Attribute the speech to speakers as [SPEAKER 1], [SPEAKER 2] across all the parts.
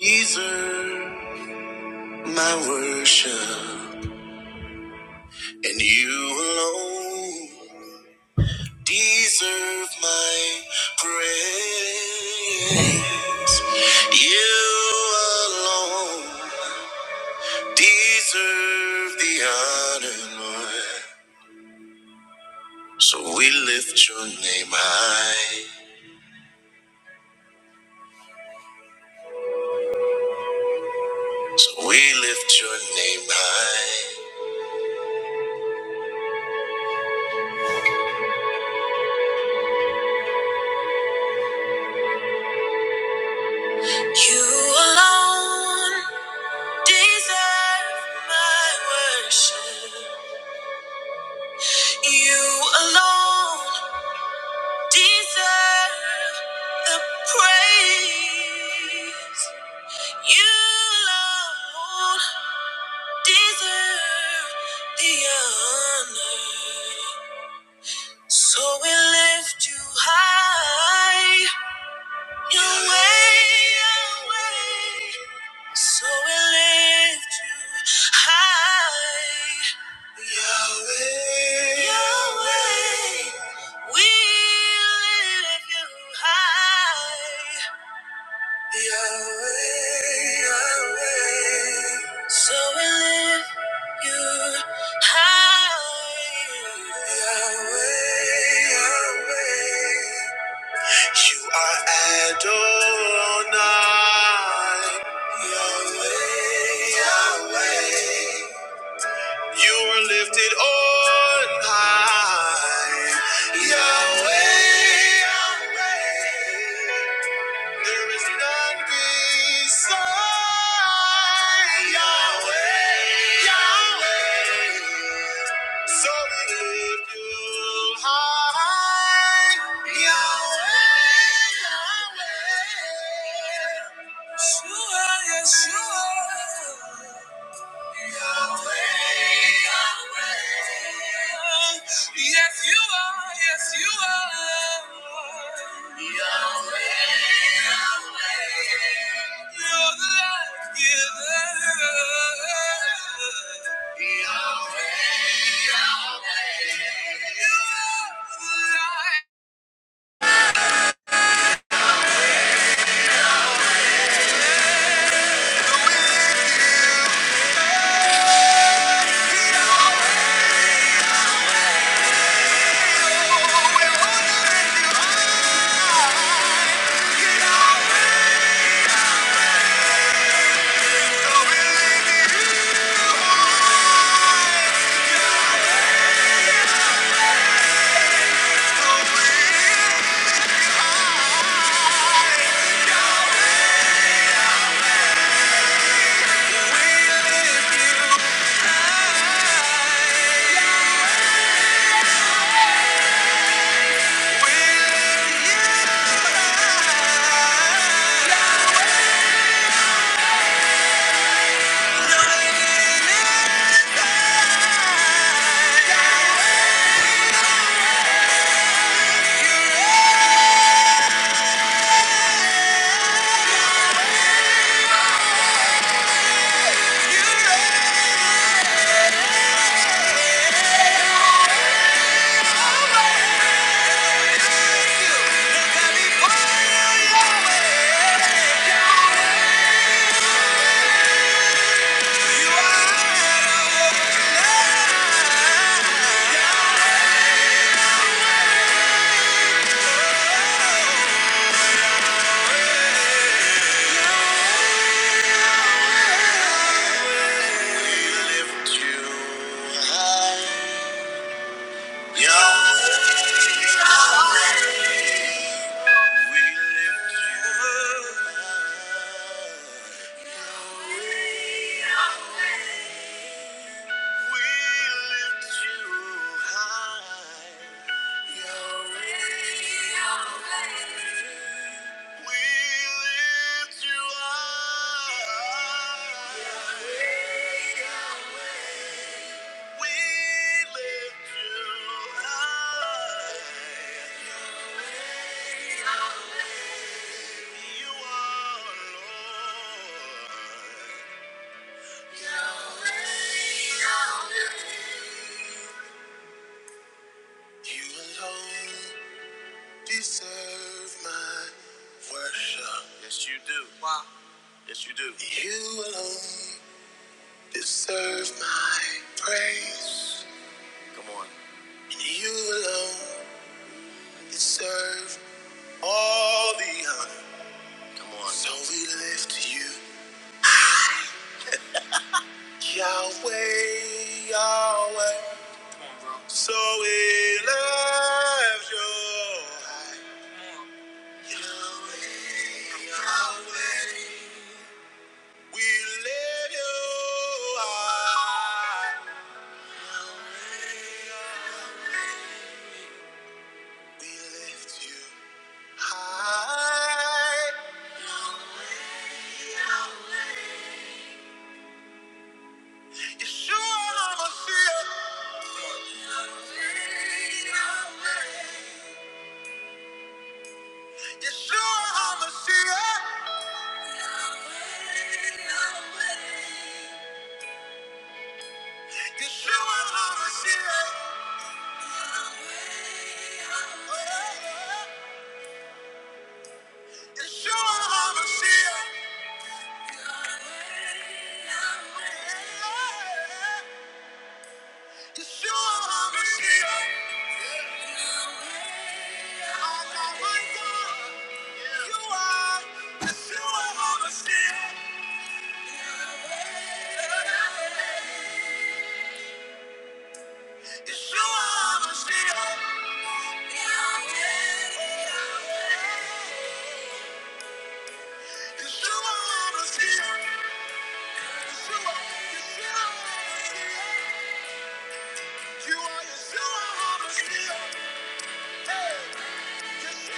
[SPEAKER 1] Deserve my worship, and you alone deserve my praise. You alone deserve the honor, Lord. So we lift your name high. So we lift your name high. You alone deserve my worship. You alone deserve the praise. You alone deserve the honor. So we lift you high. Your way, your way. So we lift you high. Yahweh, Yahweh. We lift you high. Yahweh, Yahweh. So we lift you high. Yahweh, Yahweh. You are Adonai, Yahweh, Yahweh. You are lifted on high, Yahweh, Yahweh. There is none beside Yahweh, Yahweh. So we lift you high, Yahweh, Yahweh. Yeshua, Yeshua. Yes, you are. Yes, you are. Yahweh. Yahweh. You're the light giver. Yahweh. Yahweh. You are the light. We lift you high. Yahweh, Yahweh, we lift you high. We lift you high. Yahweh, Yahweh, we lift you high. We lift you high. You are Lord. You alone deserve my worship. Yes, you do. Wow. Yes, you do. You alone deserve my praise. Come on. And You alone deserve all the honor. Come on. So we lift you high, Yahweh, Yahweh. So we lift you high. Yeshua HaMashiach You are Yahshua HaMashiach. You are Yahshua HaMashiach. You are Yahshua HaMashiach. You are Yahshua HaMashiach. You are Yahshua HaMashiach. Yes,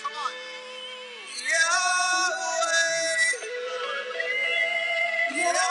[SPEAKER 1] come on. Yahweh, Yahweh, Yahweh.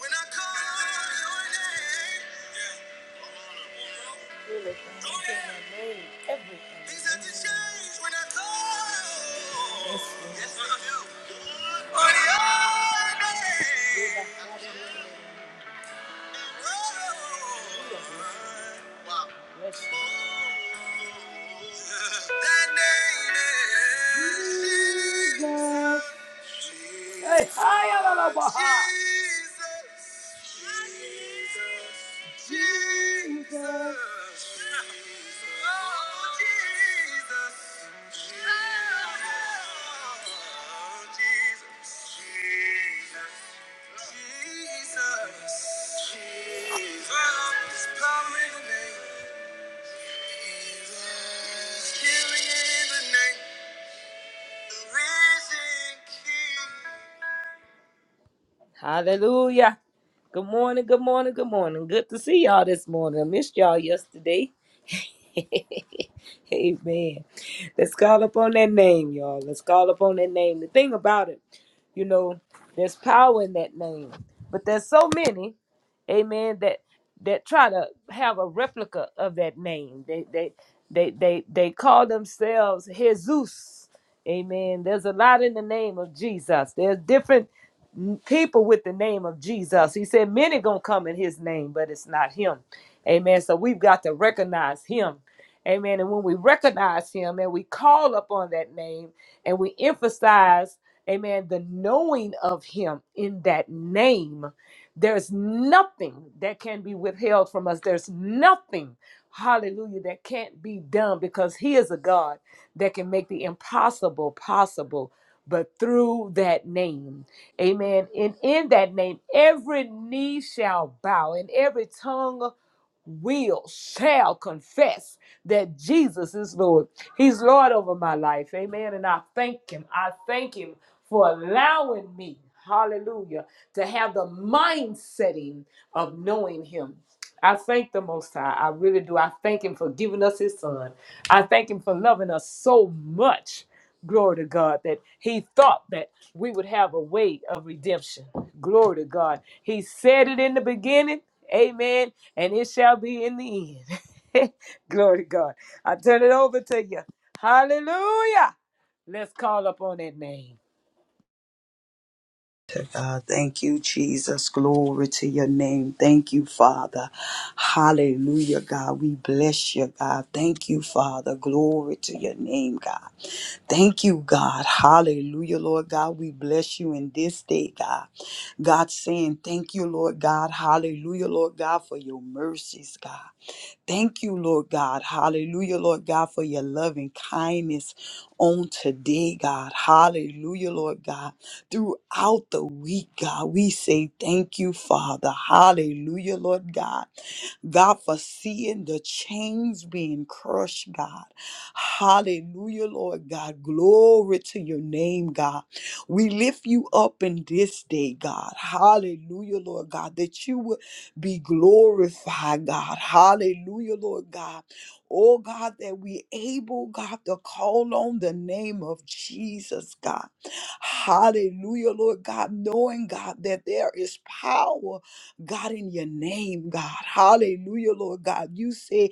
[SPEAKER 1] When I call on your name, yeah. Really, God can everything. Things have to change when I come. Yes, Lord. Yes, what I do. For the old days. Wow. Yes. That name is Jesus. Jesus. Hey, hi, Alaba. Jesus. Jesus. Jesus. Oh, Jesus. Oh, Jesus. Jesus. Jesus. Jesus. Oh, Hallelujah. Good morning, good morning, good morning. Good to see y'all this morning. I missed y'all yesterday. Amen. Let's call upon that name, y'all. Let's call upon that name. The thing about it, you know, there's power in that name. But there's so many, amen, that that try to have a replica of that name. They they they they they call themselves Jesus. Amen. There's a lot in the name of Jesus. There's different n- people with the name of Jesus. He said many gonna come in his name, but it's not him. Amen. So we've got to recognize him Amen. And when we recognize him and we call upon that name and we emphasize, amen, the knowing of him in that name, there's nothing that can be withheld from us. There's nothing, hallelujah, that can't be done because he is a God that can make the impossible possible. But through that name, amen. And in that name, every knee shall bow and every tongue will, shall confess that Jesus is Lord. He's Lord over my life. Amen. And I thank Him. I thank Him for allowing me, hallelujah, to have the mind setting of knowing Him. I thank the Most High. I really do. I thank Him for giving us His Son. I thank Him for loving us so much. Glory to God that He thought that we would have a way of redemption. Glory to God. He said it in the beginning. Amen. And it shall be in the end. Glory to God. I turn it over to you. Hallelujah. Let's call upon that name.
[SPEAKER 2] to God. Thank you, Jesus. Glory to your name. Thank you, Father. Hallelujah, God. We bless you, God. Thank you, Father. Glory to your name, God. Thank you, God. Hallelujah, Lord God. We bless you in this day, God. God saying, Thank you, Lord God. Hallelujah, Lord God, for your mercies, God. Thank you, Lord God. Hallelujah, Lord God, for your loving kindness on today, God. Hallelujah, Lord God. Throughout the week, God, we say thank you, Father. Hallelujah, Lord God. God, for seeing the chains being crushed, God. Hallelujah, Lord God. Glory to your name, God. We lift you up in this day, God. Hallelujah, Lord God, that you would be glorified, God. Hallelujah, Lord God. Oh God, that we able, God, to call on the name of Jesus, God. Hallelujah, Lord God, knowing, God, that there is power. God, in your name, God. Hallelujah, Lord God. You say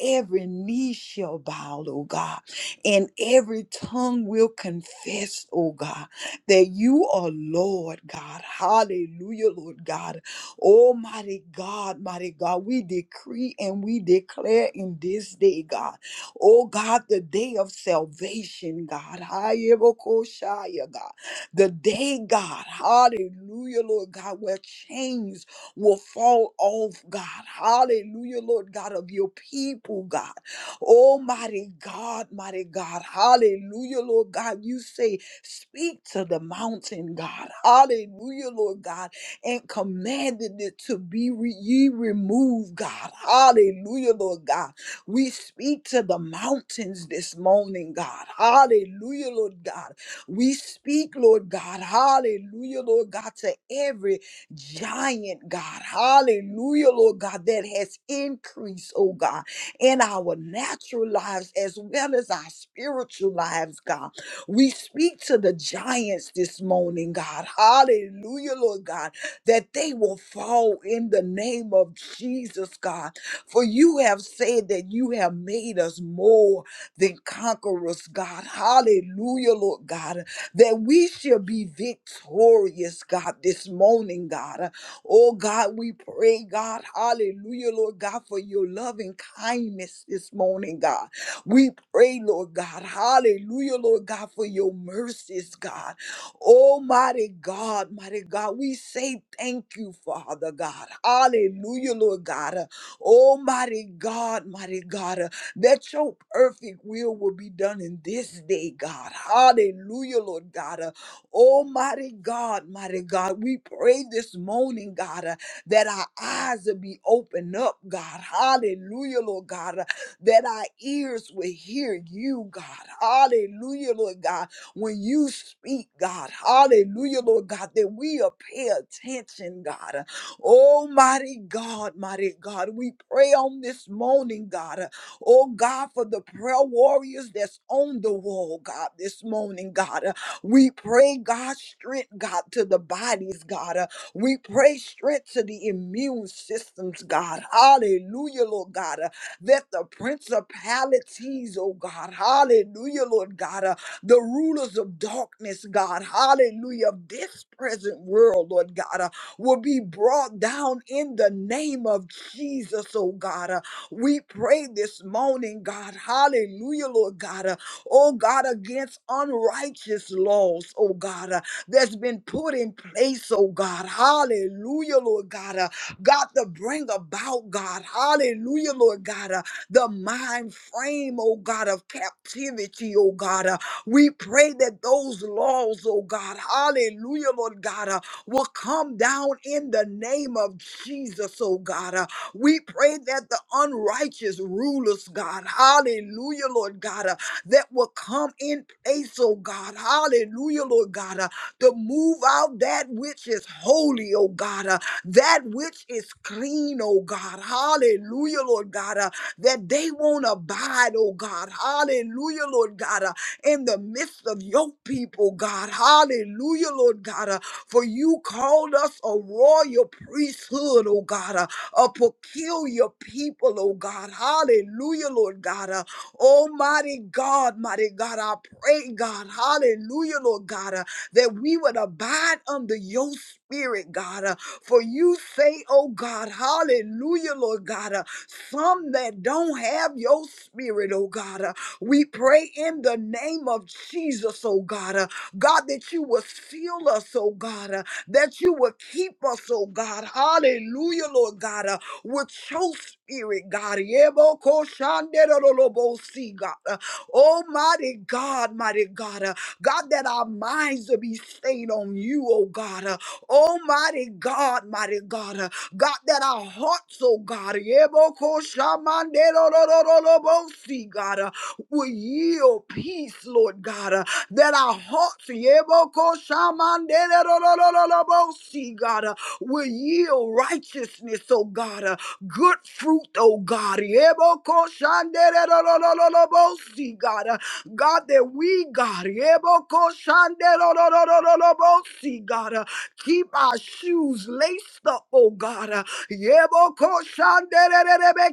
[SPEAKER 2] every knee shall bow, oh God, and every tongue will confess, oh God, that you are Lord God. Hallelujah, Lord God. Almighty God, mighty God, we decree and we declare in this day, God. Oh God, the day of salvation, God. Hayebokoshaya, God. The day, God. Hallelujah, Lord God, where chains will fall off, God. Hallelujah, Lord God, of your people, God. Almighty God, mighty God. Hallelujah, Lord God. You say, speak to the mountain, God. Hallelujah, Lord God. And commanded it to be re- ye removed, God. Hallelujah, Lord God. We speak to the mountains this morning, God. Hallelujah, Lord God. We speak, Lord God. Hallelujah, Lord God, to every giant, God. Hallelujah, Lord God, that has increased, oh God, in our natural lives as well as our spiritual lives, God. We speak to the giants this morning, God. Hallelujah, Lord God, that they will fall in the name of Jesus, God. For you have said that you have made us more than conquerors, God. Hallelujah, Lord God that we shall be victorious, God, this morning, God. Oh, God, we pray, God, hallelujah, Lord God, for your loving kindness this morning, God. We pray, Lord God, hallelujah, Lord God, for your mercies, God. Almighty God, mighty God, we say thank you, Father God. Hallelujah, Lord God. Almighty God, mighty God that your perfect will will be done in this day, God. Hallelujah, Lord God. Uh, Almighty God, mighty God, we pray this morning, God, uh, that our eyes will be opened up, God. Hallelujah, Lord God, uh, that our ears will hear you, God. Hallelujah, Lord God, when you speak, God. Hallelujah, Lord God, that we will pay attention, God. Uh, Almighty God, mighty God, we pray on this morning, God. uh, Oh God, for the prayer warriors that's on the wall, God, this morning, God. Uh, We pray, God, strength, God, to the bodies, God. Uh, We pray strength to the immune systems, God. Hallelujah, Lord God. Uh, That the principalities, oh God, hallelujah, Lord God, uh, the rulers of darkness, God, hallelujah, of this present world, Lord God, uh, will be brought down in the name of Jesus, oh God. Uh, we pray this morning, God. Hallelujah, Lord God. Uh, oh God, against unrighteous laws, oh God, uh, that's been put in place, oh God. Hallelujah, Lord God. Uh, God, to bring about, God. Hallelujah, Lord God. Uh, the mind frame, oh God, of captivity, oh God. Uh, we pray that those laws, oh God. Hallelujah, Lord God. Uh, will come down in the name of Jesus, oh God. Uh, we pray that the unrighteous rulers, God, hallelujah, Lord God, uh, that will come in place, oh God, hallelujah, Lord God, uh, to move out that which is holy, oh God, uh, that which is clean, oh God, hallelujah, Lord God, uh, that they won't abide, oh God, hallelujah, Lord God, uh, in the midst of your people, God, hallelujah, Lord God, uh, for you called us a royal priesthood, oh God, uh, a peculiar people, oh God. Hallelujah, Lord God. Uh, Almighty God, mighty God, I pray, God, hallelujah, Lord God, uh, that we would abide under your spirit, God. Uh, for you say, oh God, hallelujah, Lord God, uh, some that don't have your spirit, oh God, uh, we pray in the name of Jesus, oh God, uh, God, that you will seal us, oh God, uh, that you would keep us, oh God. Hallelujah, Lord God, uh, with your spirit, God. Yebokoshanderololobosi, God. Uh, Oh, mighty God, mighty God. uh, God, that our minds will be stayed on you, oh God. Uh, Oh, mighty God, mighty God. uh, God, that our hearts, oh God. Yebokoshamanderolololobosi, God. uh, will yield peace, Lord God, uh, that our hearts, Yeboko shamandererorororobosi, God, uh, will yield righteousness, oh God, uh, good fruit, oh God, Yeboko shandererorororobosi, God, uh, God, that we, God, Yeboko shandererorororobosi, God, uh, keep our shoes laced up, oh God, uh, Yeboko shanderererebe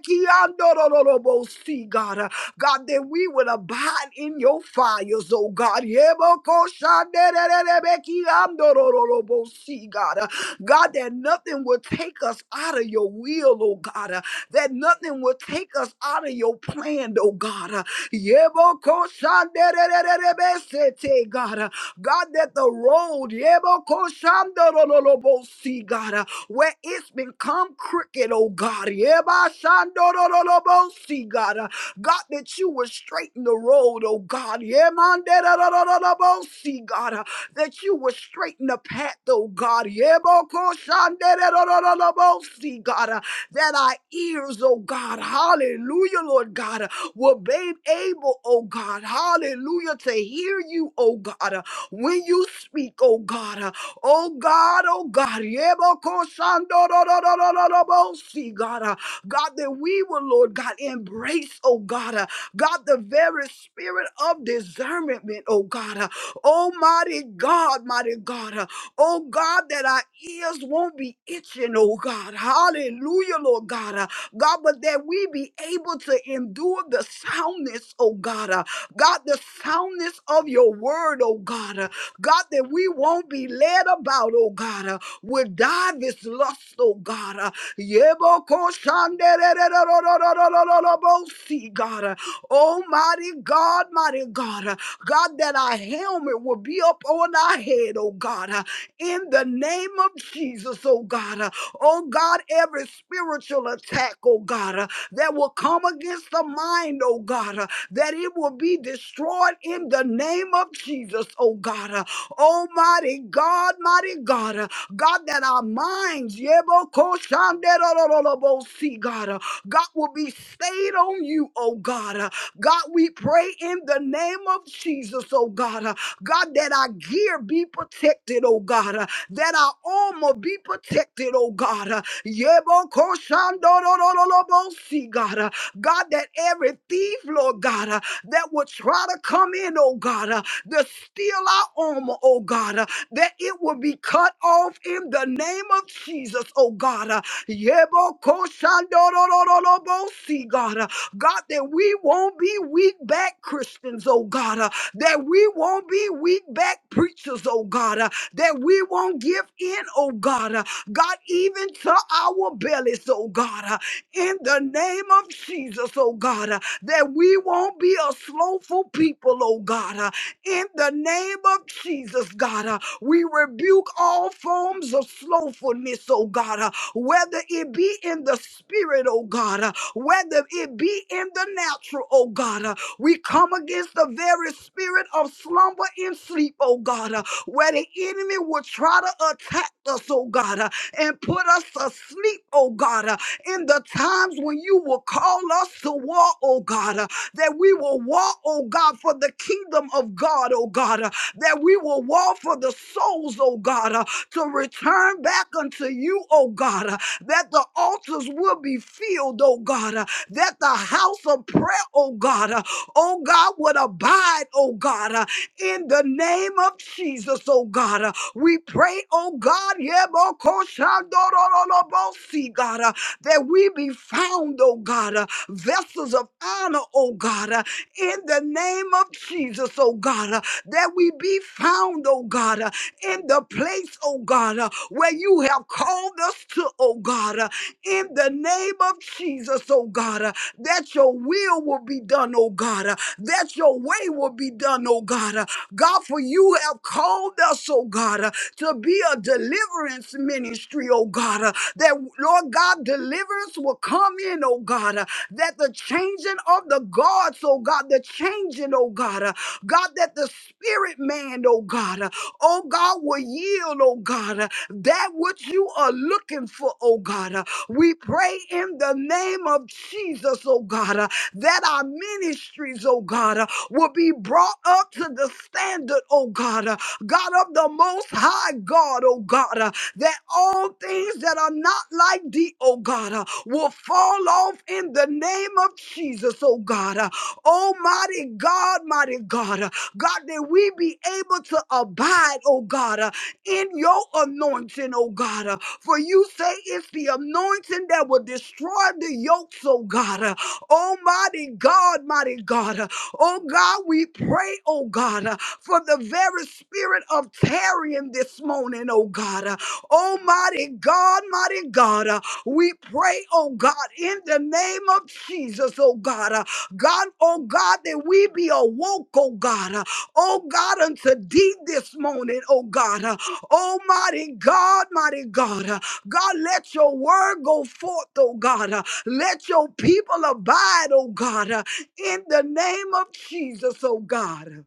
[SPEAKER 2] God, uh, God, that we would abide in your fires, oh God. Yebokoshanderererebekiandorororobosi, God, Uh, God, that nothing would take us out of your will, oh God, Uh, that nothing would take us out of your plan, oh God. Uh, Yebokoshandererererebesete, God, Uh, God, that the road, yebokoshandorororobosi, God, uh, where it's become crooked, oh God. Yebashandorororobosi, God. God, that you would straighten the road, oh God. Yemandererororobosi, God, uh, that you would straighten the path, oh God. Yebokoshandererororobosi, God, uh, that our ears, oh God, hallelujah, Lord God, uh, will be able, oh God, hallelujah, to hear you, oh God, uh, when you speak, oh God, uh, oh God, oh God, Yebokoshandororororobosi, God, uh, God, that we will, Lord God, embrace, oh God, uh, God, the very spirit of discernment, oh God, uh, almighty God, mighty God, uh, oh God, that our ears won't be itching, oh God, hallelujah, Lord God, uh, God, but that we be able to endure the soundness, oh God, uh, God, the soundness of your word, oh God, uh, God, that we won't be led about, oh God, uh, with divers lust, oh God, uh, Yebokoshanderererorororororobosi, God, uh, Almighty God, mighty God, uh, God, that our helmet will be up on our head, oh God. uh, in the name of Jesus, oh God. Uh, Oh God, every spiritual attack, oh God, uh, that will come against the mind, oh God, uh, that it will be destroyed in the name of Jesus, oh God. Uh, Almighty God, mighty God, uh, God, that our minds, yebokoshanderorolobosi, God, uh, God will be stayed on you, oh God. Uh, God, we pray in the name of Jesus, oh God. uh, God, that our gear be protected, oh God, uh, that our armor be protected, oh God. uh, Yebokoshandorororobosi, God, uh, God, that every thief, Lord God, uh, that would try to come in, oh God, uh, to steal our armor, oh God, uh, that it will be cut off in the name of Jesus, oh God. uh, Yebokoshandorororobosi, God, uh, God, that we won't be weak back Christians, oh God. uh, that we won't be weak back preachers, oh God, uh, that we won't give in, oh God, uh, God, even to our bellies, oh God, uh, in the name of Jesus, oh God, uh, that we won't be a slowful people, oh God, uh, in the name of Jesus, God, uh, we rebuke all forms of slowfulness, oh God, uh, whether it be in the spirit, oh God, uh, whether it be in the natural, oh God. uh, we come against the very spirit of slumber and sleep, oh God, uh, where the enemy will try to attack us, oh God, uh, and put us asleep, oh God, uh, in the times when you will call us to war, oh God, uh, that we will war, oh God, for the kingdom of God, oh God, uh, that we will war for the souls, oh God, uh, to return back unto you, oh God, uh, that the altars will be filled, oh God, uh, that the house of prayer, oh God, uh, oh God, would abide, oh God, uh, in the name of Jesus, oh God. Uh, we pray, oh God, yebokoshandorolobosi, God, uh, that we be found, oh God, uh, vessels of honor, oh God, uh, in the name of Jesus, oh God, uh, that we be found, oh God, uh, in the place, oh God, uh, where you have called us to, oh God. uh, in the name of Jesus, oh God, uh, that your will will be done, oh God, uh, that your way will be done, oh God. uh, God, for you have called us, oh God, uh, to be a deliverance ministry, oh God, uh, that Lord God, deliverance will come in, changing, oh God, uh, that the changing of the gods, oh God, the changing, oh God, uh, God, that the spirit man, oh God, uh, oh God, will yield, oh God, uh, that which you are looking for, oh God. uh, We pray in the name of Jesus, oh God, uh, that our ministries, oh God, uh, will be brought up to the standard, oh God, uh, God of the most high God, oh God, uh, that all things that are not like thee, oh God, uh, will fall off in the name of Jesus, oh God. Uh, Almighty God, mighty God, uh, God, that we be able to abide, oh God, uh, in your anointing, oh God. uh, For you say it's the anointing that will destroy the yokes, oh God. uh, Almighty God, mighty God. uh, Oh God, we pray, oh God. uh, for the very spirit of tarrying this morning, oh God. Uh, Almighty God, mighty God, uh, we pray, oh God, in the name of Jesus, oh God. Uh, God, oh God, that we be awoke, oh God. Uh, Oh God, unto thee this morning, oh God. Uh, Almighty God, mighty God. Uh, God, let your word go forth, oh God. Uh, Let your people abide, oh God, uh, in the name of Jesus, oh God.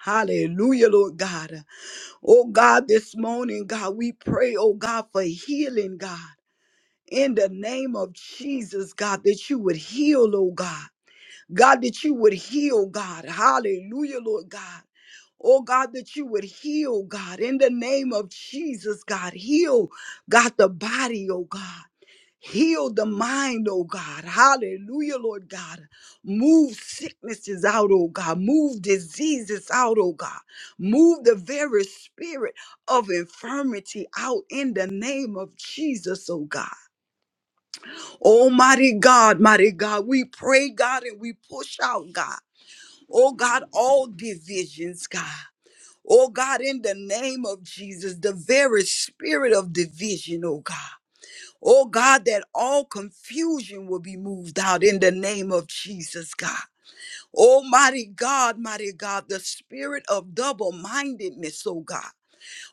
[SPEAKER 2] Hallelujah, Lord God. Oh God, this morning, God, we pray, oh God, for healing, God. In the name of Jesus, God, that you would heal, oh God. God, that you would heal, God. Hallelujah, Lord God. Oh God, that you would heal, God, in the name of Jesus, God. Heal, God, the body, oh God. Heal the mind, oh God. Hallelujah, Lord God. Move sicknesses out, oh God. Move diseases out, oh God. Move the very spirit of infirmity out in the name of Jesus, oh God. Almighty God, mighty God, we pray, God, and we push out, God. Oh God, all divisions, God. Oh God, in the name of Jesus, the very spirit of division, oh God. Oh God, that all confusion will be moved out in the name of Jesus, God. Almighty God, mighty God, the spirit of double mindedness, oh God.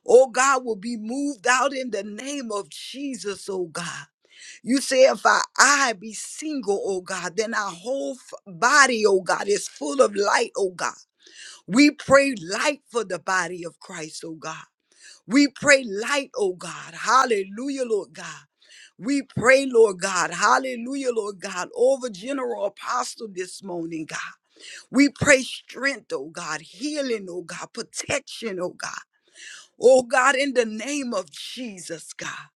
[SPEAKER 2] Oh God, will be moved out in the name of Jesus, oh God. You say, if our eye be single, oh God, then our whole f- body, oh God, is full of light, oh God. We pray light for the body of Christ, oh God. We pray light, oh God. Hallelujah, Lord God. We pray, Lord God, hallelujah, Lord God, over General Apostle this morning, God. We pray strength, oh God, healing, oh God, protection, oh God. Oh God, in the name of Jesus, God.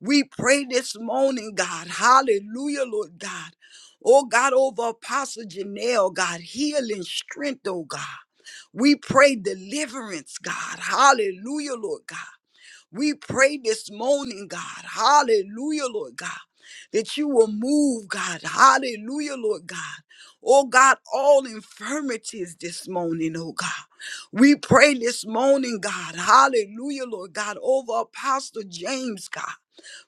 [SPEAKER 2] We pray this morning, God, hallelujah, Lord God. Oh God, over Apostle Janelle, God, healing, strength, oh God. We pray deliverance, God, hallelujah, Lord God. We pray this morning, God. Hallelujah, Lord God. That you will move, God. Hallelujah, Lord God. Oh God, all infirmities this morning, oh God. We pray this morning, God. Hallelujah, Lord God, over Apostle James, God.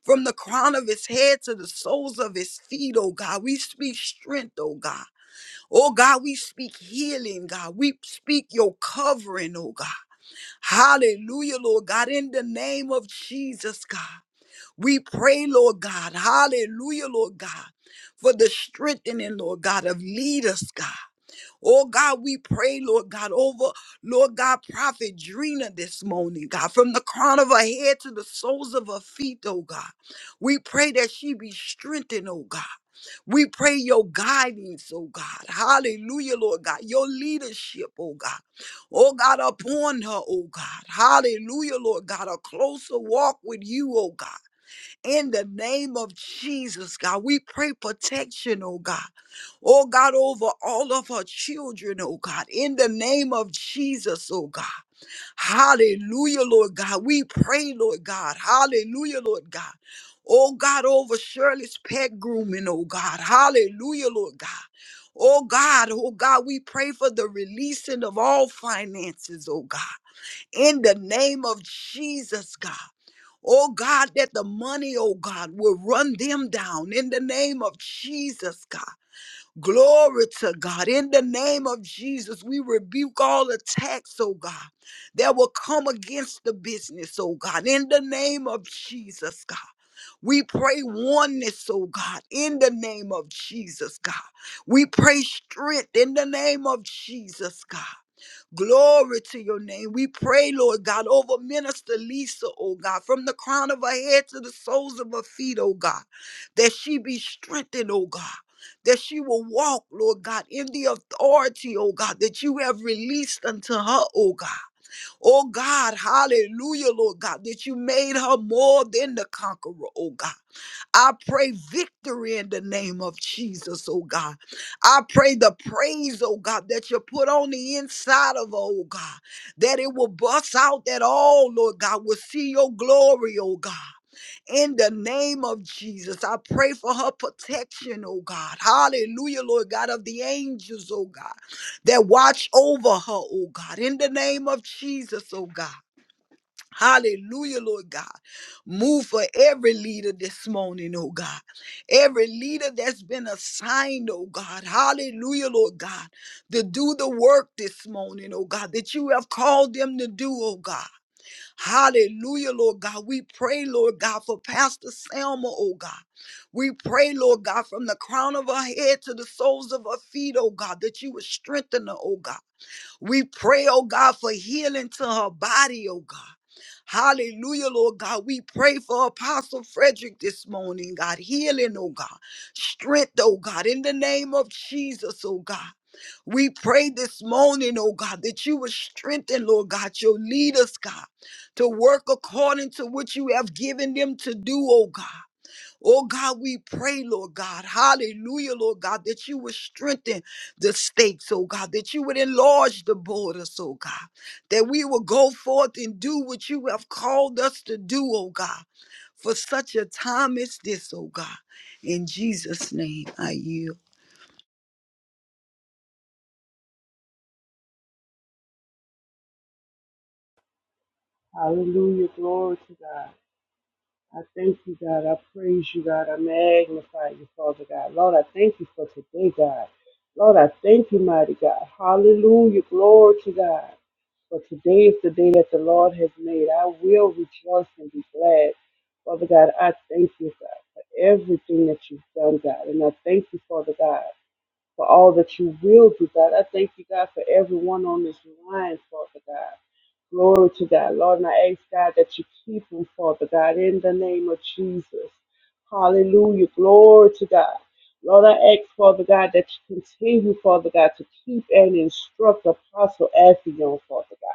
[SPEAKER 2] From the crown of his head to the soles of his feet, oh God. We speak strength, oh God. Oh God, we speak healing, God. We speak your covering, oh God. Hallelujah, Lord God, in the name of Jesus, God. We pray, Lord God, hallelujah, Lord God, for the strengthening, Lord God, of leaders, God. Oh God, we pray, Lord God, over, Lord God, Prophet Drina this morning, God, from the crown of her head to the soles of her feet, oh God. We pray that she be strengthened, oh God. We pray your guidance, oh God. Hallelujah, Lord God. Your leadership, oh God. Oh God, upon her, oh God. Hallelujah, Lord God. A closer walk with you, oh God. In the name of Jesus, God. We pray protection, oh God. Oh God, over all of her children, oh God. In the name of Jesus, oh God. Hallelujah, Lord God. We pray, Lord God. Hallelujah, Lord God. Oh God, over Shirley's pet grooming, oh God. Hallelujah, Lord God. Oh God, oh God, we pray for the releasing of all finances, oh God. In the name of Jesus, God. Oh God, that the money, oh God, will run them down in the name of Jesus, God. Glory to God. In the name of Jesus, we rebuke all attacks, oh God, that will come against the business, oh God. In the name of Jesus, God. We pray oneness, oh God, in the name of Jesus, God. We pray strength in the name of Jesus, God. Glory to your name. We pray, Lord God, over Minister Lisa, oh God, from the crown of her head to the soles of her feet, oh God, that she be strengthened, oh God, that she will walk, Lord God, in the authority, oh God, that you have released unto her, oh God. Oh God, hallelujah, Lord God, that you made her more than the conqueror, oh God. I pray victory in the name of Jesus, oh God. I pray the praise, oh God, that you put on the inside of, her, oh God, that it will bust out that all, Lord God, will see your glory, oh God. In the name of Jesus, I pray for her protection, oh God. Hallelujah, Lord God, of the angels, oh God, that watch over her, oh God. In the name of Jesus, oh God. Hallelujah, Lord God. Move for every leader this morning, oh God. Every leader that's been assigned, oh God. Hallelujah, Lord God, to do the work this morning, oh God, that you have called them to do, oh God. Hallelujah, Lord God. We pray, Lord God, for Pastor Selma, oh God. We pray, Lord God, from the crown of her head to the soles of her feet, oh God, that you would strengthen her, oh God we pray, oh God, for healing to her body, oh God. Hallelujah, Lord God. We pray for Apostle Frederick this morning, God. Healing, oh God. Strength, oh God. In the name of Jesus, oh God. We pray this morning, oh God, that you would strengthen, Lord God, your leaders, God, to work according to what you have given them to do, oh God. Oh God, we pray, Lord God, hallelujah, Lord God, that you would strengthen the stakes, oh God, that you would enlarge the borders, oh God, that we will go forth and do what you have called us to do, oh God, for such a time as this, oh God. In Jesus' name, I yield.
[SPEAKER 3] Hallelujah. Glory to God. I thank you, God. I praise you, God. I magnify you, Father God. Lord, I thank you for today, God. Lord, I thank you, mighty God. Hallelujah. Glory to God. For today is the day that the Lord has made. I will rejoice and be glad. Father God, I thank you, God, for everything that you've done, God. And I thank you, Father God, for all that you will do, God. I thank you, God, for everyone on this line, Father God. Glory to God. Lord, and I ask God that you keep him, Father God, in the name of Jesus. Hallelujah. Glory to God. Lord, I ask, Father God, that you continue, Father God, to keep and instruct Apostle Afion, Father God.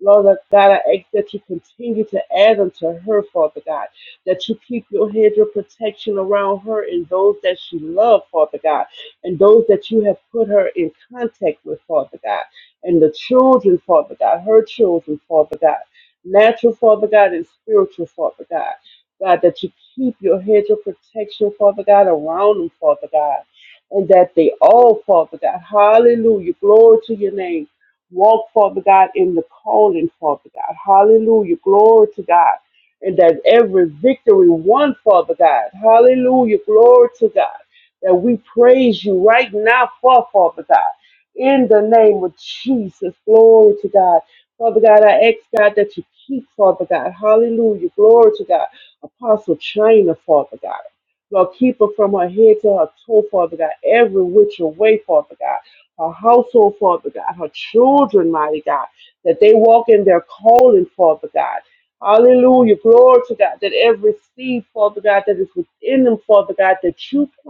[SPEAKER 3] Lord God, I ask that you continue to add unto her, Father God, that you keep your hedge of protection around her and those that she loves, Father God, and those that you have put her in contact with, Father God and the children, Father God, her children, Father God, natural, Father God, and spiritual, Father God. God, that you keep your hedge of protection, Father God, around them, Father God, and that they all, Father God, hallelujah, glory to your name, walk, Father God, in the calling, Father God, hallelujah, glory to God, and that every victory won, Father God, hallelujah, glory to God, that we praise you right now for, Father God in the name of Jesus. Glory to God. Father God, I ask God that you keep, Father God. Hallelujah. Glory to God. Apostle China, Father God. Lord, keep her from her head to her toe, Father God. Every which way, Father God. Her household, Father God. Her children, mighty God. That they walk in their calling, Father God. Hallelujah. Glory to God. That every seed, Father God, that is within them, Father God, that you plant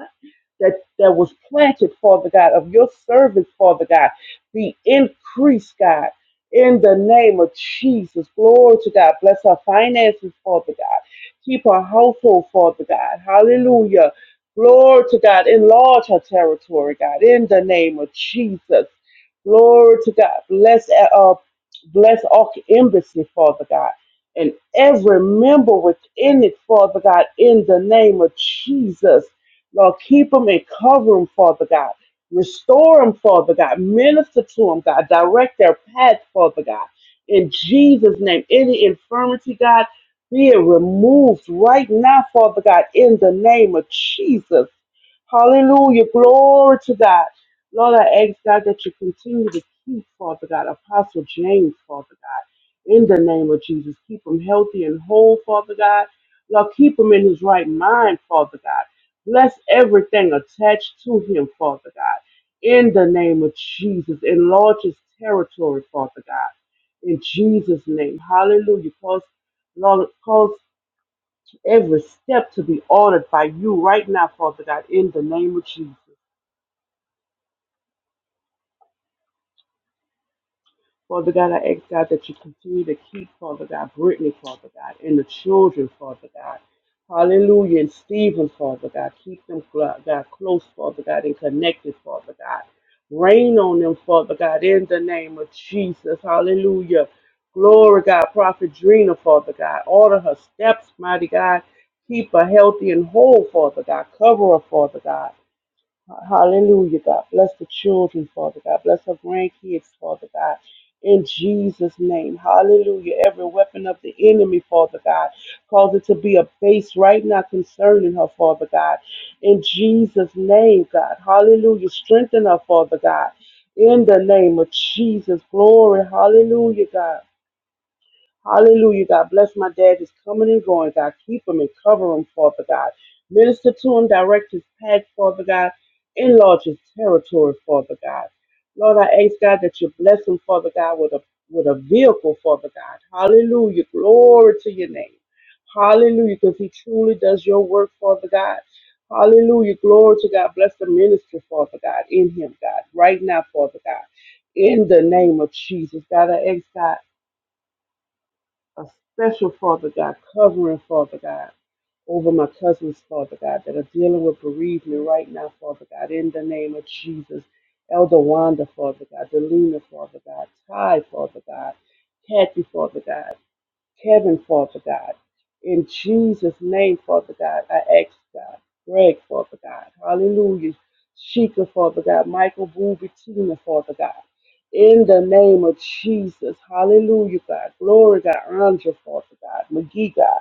[SPEAKER 3] that, that was planted, Father God, of your service, Father God, be increased, God. In the name of Jesus, glory to God. Bless our finances, Father God. Keep our household, Father God. Hallelujah. Glory to God. Enlarge our territory, God. In the name of Jesus. Glory to God. Bless uh, uh, bless our embassy, Father God, and every member within it, Father God, in the name of Jesus. Lord, keep them and cover them, Father God. Restore them, Father God. Minister to them, God. Direct their path, Father God. In Jesus' name, any infirmity, God, be it removed right now, Father God, in the name of Jesus. Hallelujah. Glory to God. Lord, I ask God that you continue to keep, Father God, Apostle James, Father God, in the name of Jesus. Keep him healthy and whole, Father God. Lord, keep him in his right mind, Father God. Bless everything attached to him, Father God. In the name of Jesus. Enlarge his territory, Father God. In Jesus' name. Hallelujah. Cause, Lord, cause every step to be ordered by you right now, Father God, in the name of Jesus. Father God, I ask God that you continue to keep, Father God, Brittany, Father God, and the children, Father God. Hallelujah. And Stephen, Father God, keep them, God, close, Father God, and connected, Father God. Rain on them, Father God, in the name of Jesus. Hallelujah. Glory, God. Prophet Drina, Father God. Order her steps, mighty God. Keep her healthy and whole, Father God. Cover her, Father God. Hallelujah, God. Bless the children, Father God. Bless our grandkids, Father God. In Jesus' name, hallelujah. Every weapon of the enemy, Father God, cause it to be a base right now concerning her, Father God. In Jesus' name, God, hallelujah. Strengthen her, Father God. In the name of Jesus, glory, hallelujah, God. Hallelujah, God. Bless my dad. He's coming and going, God. Keep him and cover him, Father God. Minister to him, direct his path, Father God. Enlarge his territory, Father God. Lord, I ask, God, that you bless him, Father God, with a with a vehicle, Father God. Hallelujah. Glory to your name. Hallelujah, because he truly does your work, Father God. Hallelujah. Glory to God. Bless the ministry, Father God, in him, God, right now, Father God. In the name of Jesus, God, I ask, God a special Father God, covering Father God over my cousins, Father God, that are dealing with bereavement right now, Father God, in the name of Jesus. Elder Wanda, Father God, Delina, Father God, Ty, Father God, Kathy, Father God. Kevin, Father God. In Jesus' name, Father God, I ask God. Greg, Father God. Hallelujah. Sheikah, Father God. Michael Booby Tina, Father God. In the name of Jesus. Hallelujah, God. Glory, God. Andra, Father God. McGee, God.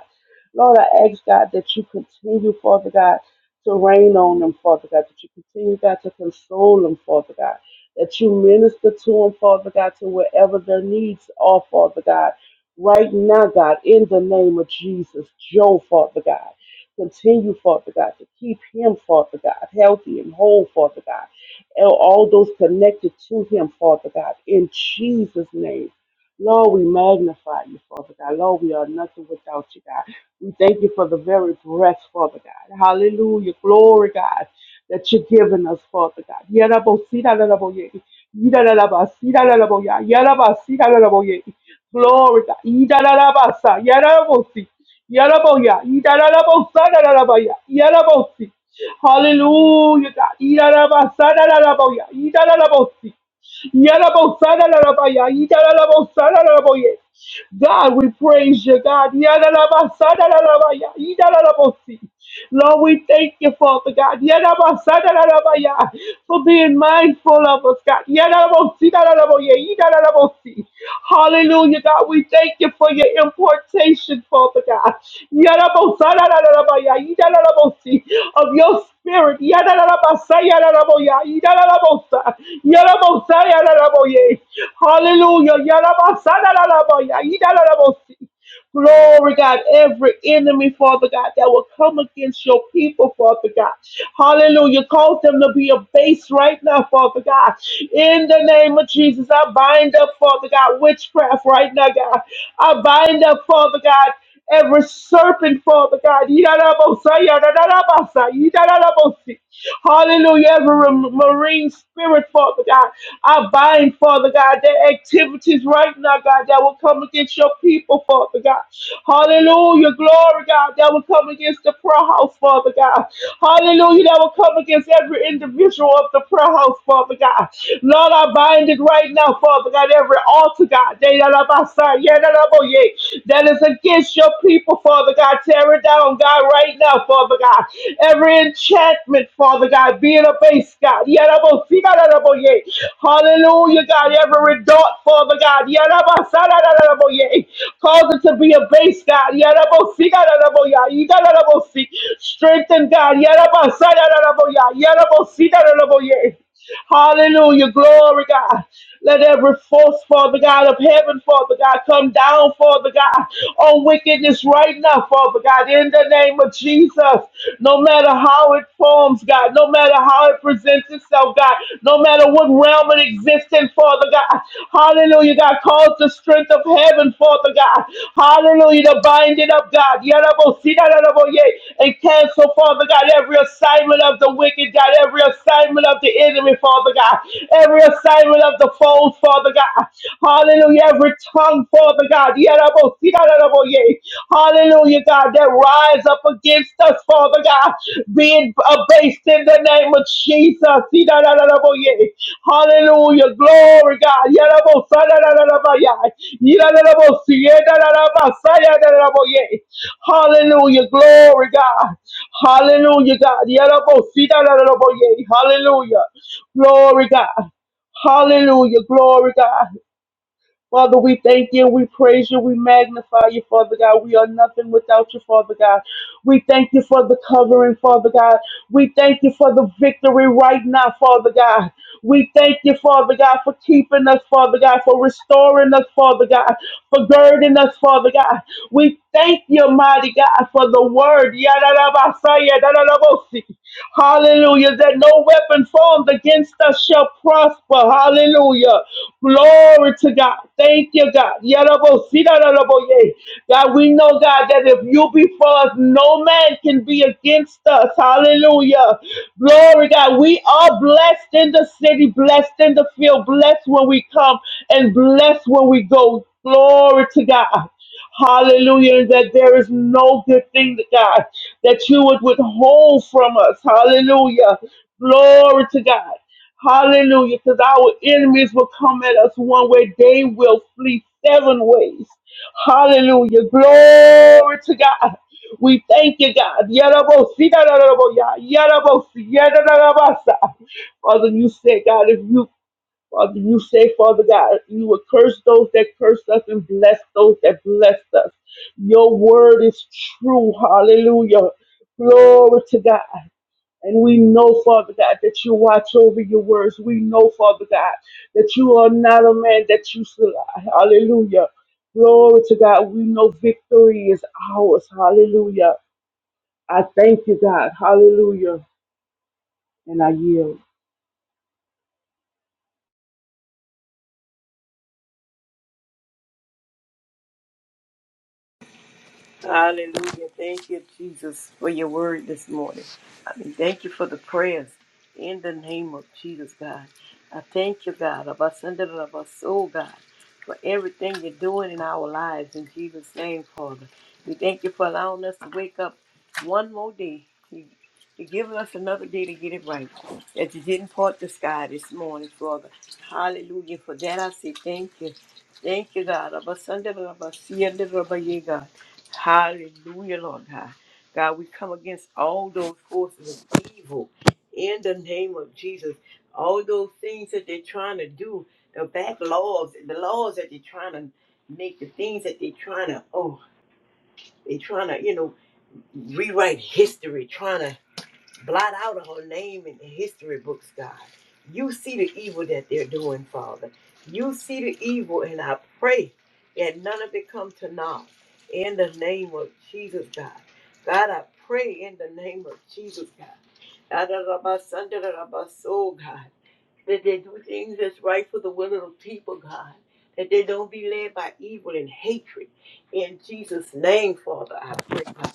[SPEAKER 3] Lord, I ask God that you continue, Father God, to rain on them, Father God. That you continue, God, to console them, Father God. That you minister to them, Father God, to wherever their needs are, Father God right now, God, in the name of Jesus, Joe, Father God. Continue, Father God, to keep him, Father God, healthy and whole, Father God. And all those connected to him, Father God, in Jesus' name. Lord, we magnify you, Father God. Lord, we are nothing without you, God. We thank you for the very breath, Father God. Hallelujah. Glory, God, that you're giving us, Father God. Yarabosidalalaboye. Yidalalabasidalalaboya. Yarabasidalalabo. Glory God. Yidarabasa. Yarabosi. Yaraboya. Yidarabosa. Yarabaya. Yarabosi. Hallelujah, God. Yidarabasa. Yaraboya. Yidarabosi. Yarabosa. Yarabaya. Yidarabosa. Yaraboya. God, we praise you, God. Yidarabasa. Yarabaya. Yidarabosi. Lord, we thank you, Father God, Yadabasadadadabaya, for being mindful of us, God. Yadabosidadadaboye, yidadadabosi. Hallelujah, God. We thank you for your importation, Father God. Yadabosadadadadabaya, yidadadabosi, Of your spirit. Yadadadabasa, yadadaboya, yidadadabosa, yadabosa, yadadaboye. Hallelujah. Yadabasadadadabaya, yidadadabosi. Glory, God, every enemy, Father God, that will come against your people, Father God. Hallelujah. Cause them to be abased right now, Father God. In the name of Jesus, I bind up, Father God, witchcraft right now, God. I bind up, Father God. Every serpent, Father God. Yidalabosai, yadadalabasai, yidalalabosi. Hallelujah. Every marine spirit, Father God. I bind, Father God, their activities right now, God, that will come against your people, Father God. Hallelujah. Glory, God, that will come against the prayer house, Father God. Hallelujah. That will come against every individual of the prayer house, Father God. Lord, I bind it right now, Father God. Every altar, God. That is against your people, Father God. Tear it down, God, right now, Father God. Every enchantment, Father God, be in a base, God. Hallelujah, God. Every dart, Father God. Cause it to be a base, God. Strengthen, God. Strengthen, God. Hallelujah. Glory, God. Let every force, Father God, of heaven, Father God, come down, Father God, on wickedness right now, Father God, in the name of Jesus. No matter how it forms, God, no matter how it presents itself, God, no matter what realm it exists in, Father God. Hallelujah, God. Cause the strength of heaven, Father God. Hallelujah, to bind it up, God. Yarabo, sidalabo, yea, And cancel, Father God. God, every assignment of the wicked, God, every assignment of the enemy, Father God, every assignment of the foes, Father God, hallelujah, every tongue, Father God, Yadabosiyadadaboye. hallelujah, God, that rise up against us, Father God, being abased in the name of Jesus, Yadadadaboye. hallelujah, glory, God, Yadabosiyadadadaboye. Yadadabosiyadadadabasayadadaboye. Hallelujah. Glory, God. Hallelujah, God. Yadabo, sida, dadabo, yea. Hallelujah. Glory, God. Hallelujah. Glory, God. Father, we thank you. We praise you. We magnify you, Father God. We are nothing without you, Father God. We thank you for the covering, Father God. We thank you for the victory right now, Father God. We thank you, Father God, for keeping us, Father God, for restoring us, Father God, for girding us, Father God. We thank you, mighty God, for the word. Yadadabasaya, dadadabosi. Hallelujah. That no weapon formed against us shall prosper. Hallelujah. Glory to God. Thank you, God. Yadabosi, dadadaboye. God, we know, God, that if you be for us, no man can be against us. Hallelujah. Glory, God. We are blessed in the city, blessed in the field, blessed when we come, and blessed when we go. Glory to God. Hallelujah. That there is no good thing, to God, that you would withhold from us. Hallelujah. Glory to God. Hallelujah. Because our enemies will come at us one way, they will flee seven ways. Hallelujah. Glory to God. We thank you, God. Yarabosi, yarabosi, yarabosi, yarabosi. ya, da, da, da, ba, sa. Father, you said, God, if you Father, you say, Father God, you will curse those that curse us and bless those that bless us. Your word is true. Hallelujah. Glory to God. And we know, Father God, that you watch over your words. We know, Father God, that you are not a man that you should lie. Hallelujah. Glory to God. We know victory is ours. Hallelujah. I thank you, God. Hallelujah. And I yield.
[SPEAKER 4] Hallelujah. Thank you, Jesus, for your word this morning. I mean, thank you for the prayers in the name of Jesus, God. I thank you, God, of us under the of us, oh God, for everything you're doing in our lives in Jesus' name, Father. We thank you for allowing us to wake up one more day. You- You're giving us another day to get it right. That you didn't part the sky this morning, Father. Hallelujah. For that I say thank you. Thank you, God. Of us under the of us, see under the of you, God. Hallelujah, Lord God. God, we come against all those forces of evil in the name of Jesus. All those things that they're trying to do, the back laws, the laws that they're trying to make, the things that they're trying to, oh, they're trying to, you know, rewrite history, trying to Blot out of her name in the history books, God. You see the evil that they're doing, Father. You see the evil, and I pray that none of it come to naught. In the name of Jesus, God. God, I pray in the name of Jesus, God. Oh, God. That they do things that's right for the will of the people, God. That they don't be led by evil and hatred. In Jesus' name, Father, I pray, God.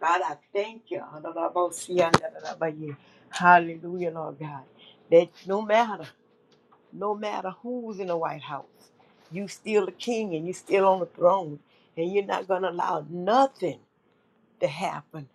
[SPEAKER 4] God, I thank you. Adonabosiandarabaye. Hallelujah, Lord God. That no matter, no matter who's in the White House, you still the king and you still on the throne. And you're not gonna allow nothing to happen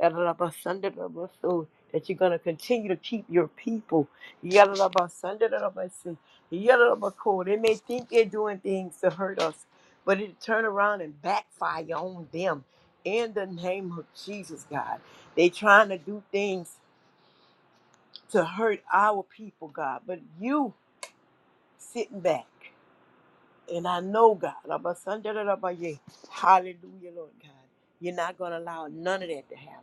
[SPEAKER 4] Yadadabasandadarabasoo, that you're going to continue to keep your people. Yadadabasandadarabasoo, yadadabakoo. They may think they're doing things to hurt us, but it turn around and backfire on them. In the name of Jesus, God, they trying to do things to hurt our people, God, but you sitting back. And I know, God, Abba, Sunday, da, da, ba, yea. hallelujah, Lord God, you're not going to allow none of that to happen.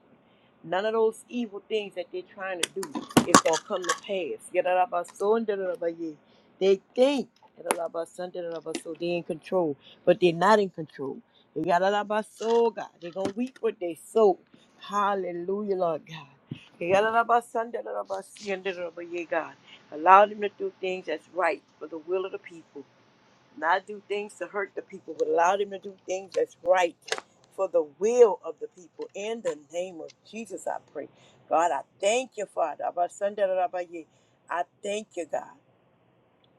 [SPEAKER 4] None of those evil things that they're trying to do is going to come to pass. Yeah, da, da, ba, so, and da, da, da, ba, yea. They think da, da, da, ba, Sunday, da, da, ba, so they're in control, but they're not in control. They got a soul, God. They're going to weep what they sow. Hallelujah, Lord God. They got a Sunday, da, da, ba, see, and da, da, da, ba, yea, God. Allow them to do things that's right for the will of the people not do things to hurt the people, but allow them to do things that's right for the will of the people. In the name of Jesus, I pray. God, I thank you, Father. Abba, Sunday, da, da, I thank you, God.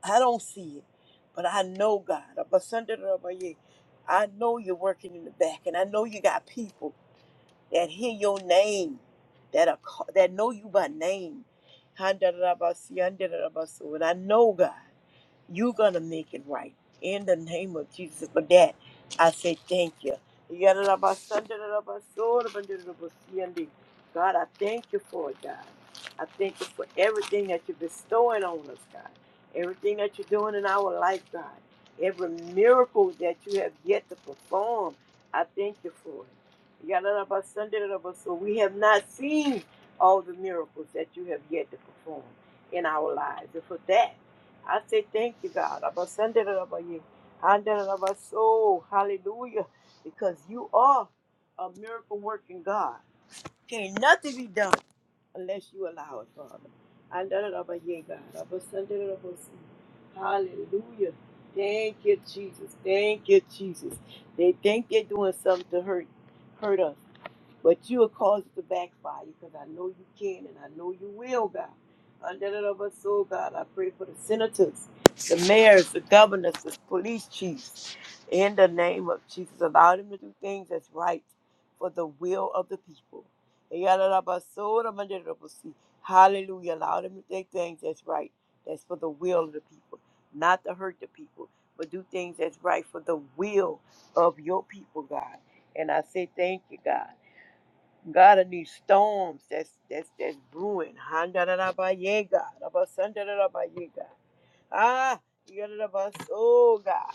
[SPEAKER 4] I don't see it, but I know, God. Abba, Sunday, da, da, I know you're working in the back, and I know you got people that hear your name, that are ca- that know you by name. Handa, da, da, si, handa, da, so. And I know, God. You're gonna make it right in the name of Jesus. For that, I say thank you. God, I thank you for it, God. I thank you for everything that you're bestowing on us, God. Everything that you're doing in our life, God. Every miracle that you have yet to perform, I thank you for it. So we have not seen all the miracles that you have yet to perform in our lives. And for that. I say thank you, God. I'm ascended above you. Under our soul. Hallelujah. Because you are a miracle working God. Can't nothing be done unless you allow it, Father. Under above you, God. I'm ascended above you. Hallelujah. Thank you, Jesus. Thank you, Jesus. They think they're doing something to hurt hurt us. But you will cause it to backfire because I know you can and I know you will, God. Under the love of us, oh God, I pray for the senators, the mayors, the governors, the police chiefs. In the name of Jesus, allow them to do things that's right for the will of the people. Yada da ba so da ba da da ba si. Hallelujah. Allow them to take things that's right. That's for the will of the people, not to hurt the people, but do things that's right for the will of your people, God. And I say thank you, God. God of these storms that's that's that's brewing. Handarabaye God. Abasandarabaye God. Ah, yadarabaso God.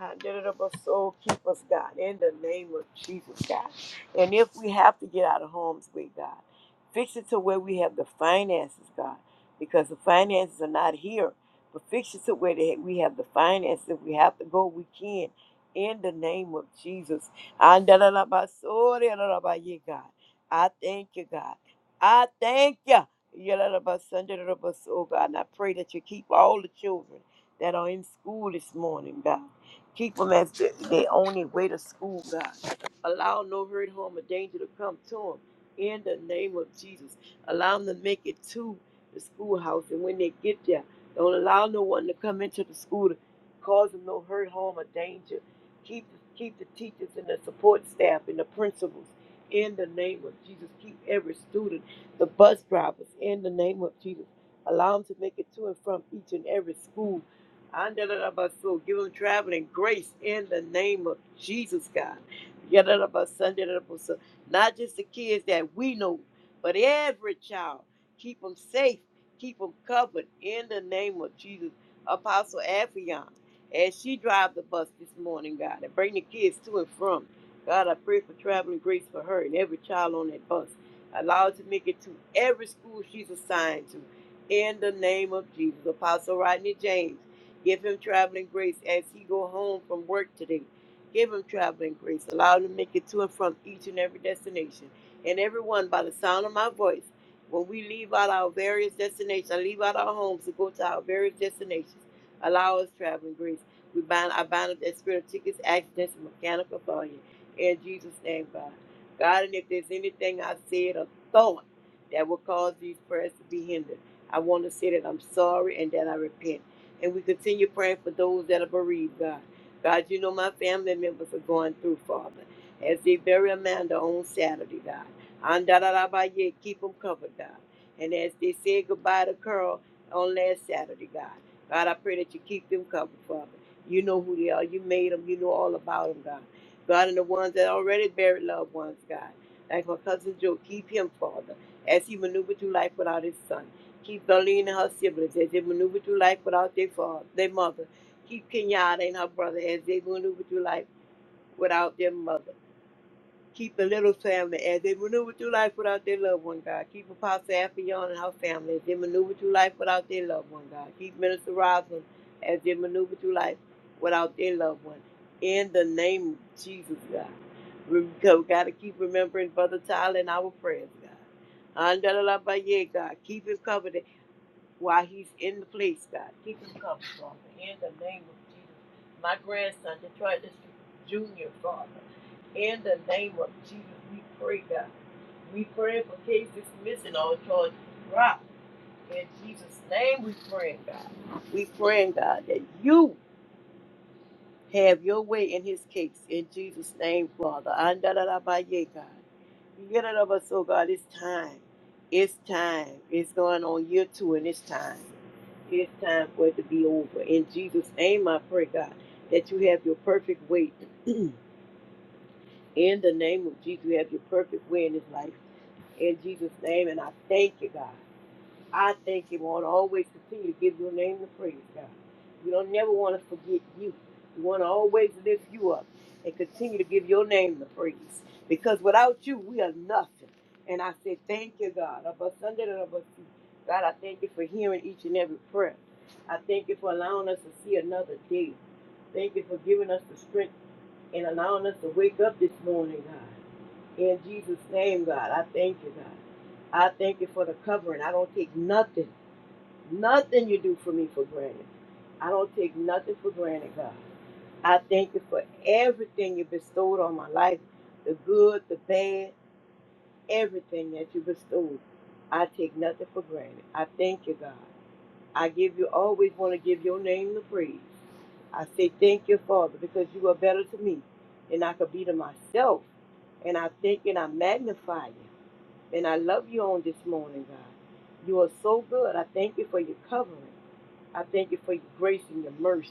[SPEAKER 4] Identity soul, keep us, God, in the name of Jesus, God. And if we have to get out of harm's way, God, fix it to where we have the finances, God, because the finances are not here. But fix it to where they, we have the finances. If we have to go, we can. In the name of Jesus. Andalabasorealabaye, God. I thank you, God. I thank you. Yalalabasandalabaso, God. And I pray that you keep all the children that are in school this morning, God. Keep them as th- they on their way to school, God. Allow no hurt, harm, or danger to come to them in the name of Jesus. Allow them to make it to the schoolhouse. And when they get there, don't allow no one to come into the school to cause them no hurt, harm, or danger. Keep, keep the teachers and the support staff and the principals in the name of Jesus. Keep every student, the bus drivers in the name of Jesus. Allow them to make it to and from each and every school Andalabaso, give them traveling grace in the name of Jesus, God. Yadalabaso, andalabaso. Not just the kids that we know, but every child. Keep them safe, keep them covered in the name of Jesus. Apostle Afion, as she drives the bus this morning, God, and bring the kids to and from. God, I pray for traveling grace for her and every child on that bus. Allow her to make it to every school she's assigned to. In the name of Jesus. Apostle Rodney James. Give him traveling grace as he go home from work today. Give him traveling grace. Allow him to make it to and from each and every destination. And everyone, by the sound of my voice, when we leave out our various destinations, I leave out our homes to go to our various destinations. Allow us traveling grace. We bind, I bind up that spirit of tickets, accidents, and mechanical failure. In Jesus' name, God. God, and if there's anything I said or thought that will cause these prayers to be hindered, I want to say that I'm sorry and that I repent. And we continue praying for those that are bereaved, God. God, you know my family members are going through, Father. As they bury Amanda on Saturday, God. Andalalabaye, Keep them covered, God. And as they say goodbye to Carl on last Saturday, God. God, I pray that you keep them covered, Father. You know who they are. You made them. You know all about them, God. God, and the ones that already buried loved ones, God. Like my cousin Joe, keep him, Father, as he maneuvered through life without his son. Keep Darlene and her siblings as they maneuver through life without their father, their mother. Keep Kenyatta and her brother as they maneuver through life without their mother. Keep the little family as they maneuver through life without their loved one, God. Keep Apostle Affion and her family as they maneuver through life without their loved one, God. Keep Minister Roslyn as they maneuver through life without their loved one. In the name of Jesus, God. We've got to keep remembering Brother Tyler in our prayers, God. Andalabaye, God. Keep him covered while he's in the place, God. Keep him covered, Father, in the name of Jesus. My grandson, Detroit Junior, Father, in the name of Jesus, we pray, God. We pray for cases missing or charges dropped. In Jesus' name, we pray, God. We pray, God, that you have your way in his case. In Jesus' name, Father. Andalalabaye, God. Get it over, so God, it's time. It's time. It's going on year two, and it's time. It's time for it to be over. In Jesus' name, I pray, God, that you have your perfect way. in the name of Jesus, you have your perfect way in his life. In Jesus' name, and I thank you, God. I thank you, want to Always continue to give your name the praise, God. We don't never want to forget you. We want to always lift you up and continue to give your name the praise. Because without you, we are nothing. And I say thank you, God. Of us under and of us through. God, I thank you for hearing each and every prayer. I thank you for allowing us to see another day. Thank you for giving us the strength and allowing us to wake up this morning, God. In Jesus' name, God, I thank you, God. I thank you for the covering. I don't take nothing Nothing you do for me for granted. I don't take nothing for granted, God. I thank you for everything you bestowed on my life the good, the bad, everything that you bestowed. I take nothing for granted. I thank you, God. I give you, always want to give your name the praise. I say thank you, Father, because you are better to me than I could be to myself. And I thank you and I magnify you. And I love you on this morning, God. You are so good. I thank you for your covering. I thank you for your grace and your mercy.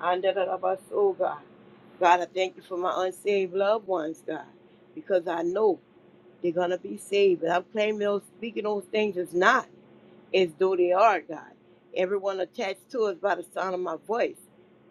[SPEAKER 4] Under the love of us, oh God. God, I thank you for my unsaved loved ones, God, because I know. They're gonna be saved. But I'm claiming those speaking those things is not as though they are God. Everyone attached to us by the sound of my voice.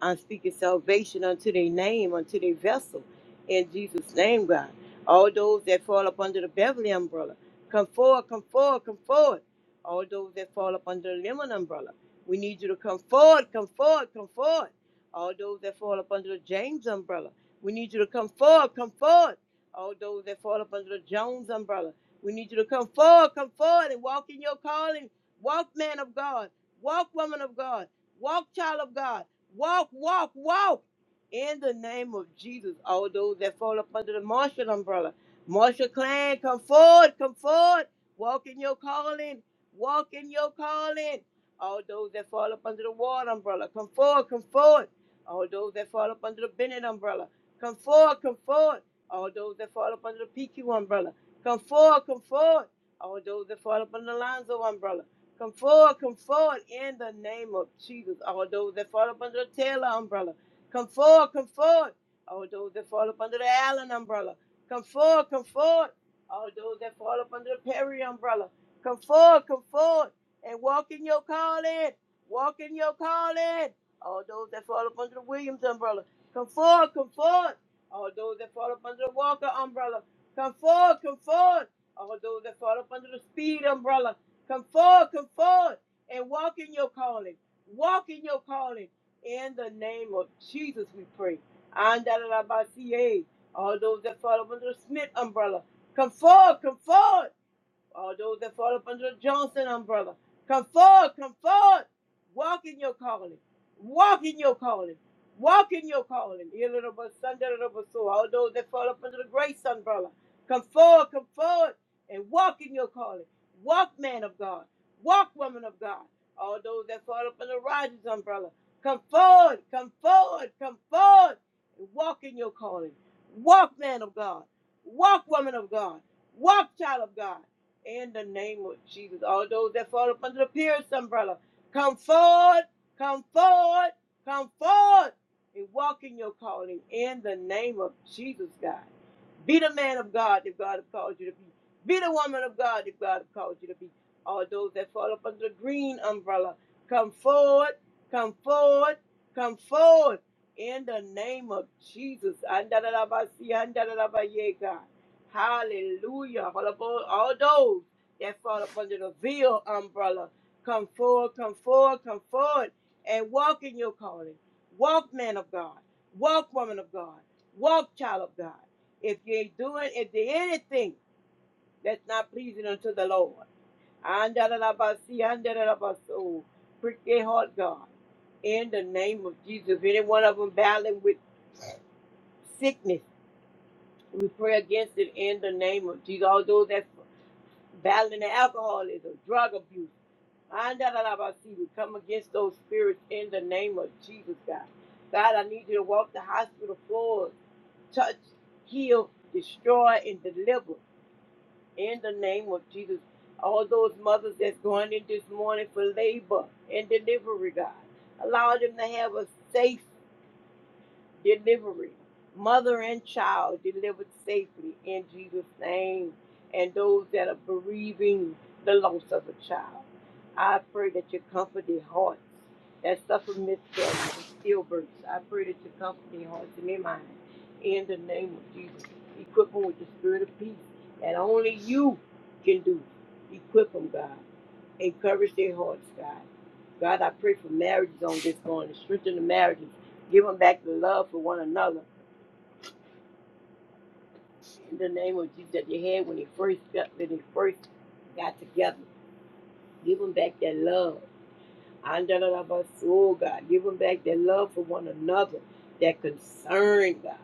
[SPEAKER 4] I'm speaking salvation unto their name, unto their vessel. In Jesus' name, God. All those that fall up under the Beverly umbrella, come forward, come forward, come forward. All those that fall up under the Lemon umbrella, we need you to come forward, come forward, come forward. All those that fall up under the James umbrella, we need you to come forward, come forward all those that fall up under the Jones umbrella. We need you to come forward, come forward and walk in your calling. Walk, man of God. Walk, woman of God. Walk, child of God. Walk, walk, walk. In the name of Jesus, all those that fall up under the Marshall umbrella. Marshall clan, come forward, come forward. Walk in your calling. Walk in your calling. All those that fall up under the Ward umbrella, come forward, come forward. All those that fall up under the Bennett umbrella, come forward, come forward. All those that fall up under the PQ umbrella, come forward, come forward. All those that fall up under the Lonzo umbrella, come forward, come forward in the name of Jesus. All those that fall up under the Taylor umbrella, come forward, come forward. All those that fall up under the Allen umbrella, come forward, come forward. All those that fall up under the Perry umbrella, come forward, come forward and walk in your calling. Walk in your calling. All those that fall up under the Williams umbrella, come forward, come forward. All those that fall up under the Walker umbrella, come forward, come forward. All those that fall up under the Speed umbrella, come forward, come forward, and walk in your calling. Walk in your calling. In the name of Jesus, we pray. Andalabasiye. All those that fall up under the Smith umbrella, come forward, come forward. All those that fall up under the Johnson umbrella, come forward, come forward. Walk in your calling. Walk in your calling. Walk in your calling. Here, little bus, Sunday, little bus, so All those that fall up under the grace umbrella, come forward, come forward, and walk in your calling. Walk, man of God. Walk, woman of God. All those that fall up under Rogers umbrella, come forward, come forward, come forward, and walk in your calling. Walk, man of God. Walk, woman of God. Walk, child of God. In the name of Jesus, all those that fall up under the Pierce umbrella, come forward, come forward, come forward, and walk in your calling. In the name of Jesus, God. Be the man of God if God has called you to be. Be the woman of God if God has called you to be. All those that fall up under the green umbrella, come forward, come forward, come forward. In the name of Jesus. Andalabasi, andalabaye, God. Hallelujah. All of all all those that fall up under the veil umbrella, come forward, come forward, come forward, and walk in your calling. Walk, man of God. Walk, woman of God. Walk, child of God. If you're doing, if there anything that's not pleasing unto the Lord, Andalabasi, andalabaso. prick their heart, God. In the name of Jesus, any one of them battling with sickness, we pray against it in the name of Jesus. All those that's battling alcoholism, drug abuse, andalabasi, we come against those spirits in the name of Jesus, God. God, I need you to walk the hospital floors, touch, heal, destroy, and deliver. in the name of Jesus. All those mothers that's going in this morning for labor and delivery, God, allow them to have a safe delivery. Mother and child delivered safely in Jesus' name, and those that are bereaving the loss of a child. I pray that you comfort the hearts that suffer miscarriage and stillbirths. I pray that you comfort the hearts and their minds in the name of Jesus. Equip them with the spirit of peace that only you can do. Equip them, God. Encourage their hearts, God. God, I pray for marriages on this morning. Strengthen the marriages. Give them back the love for one another. In the name of Jesus that they had when they first got, when they first got together. Give them back that love. Andalabas, Oh God, give them back that love for one another, that concern, God.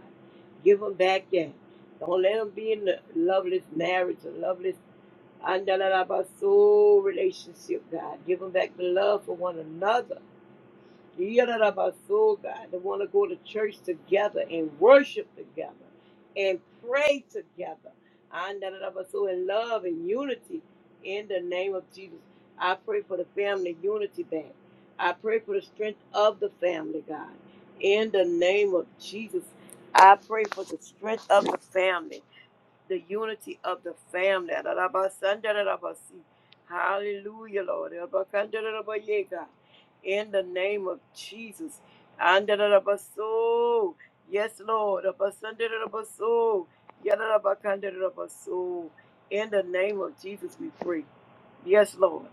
[SPEAKER 4] Give them back that. Don't let them be in the loveless marriage, a loveless andalabas, oh relationship, God. Give them back the love for one another. Yidarabaso, God, that want to go to church together and worship together and pray together. Andarabaso, in love and unity in the name of Jesus. I pray for the family unity back. I pray for the strength of the family, God. In the name of Jesus, I pray for the strength of the family the unity of the family. Hallelujah, Lord. In the name of Jesus. Yes, Lord. In the name of Jesus, we pray. Yes, Lord.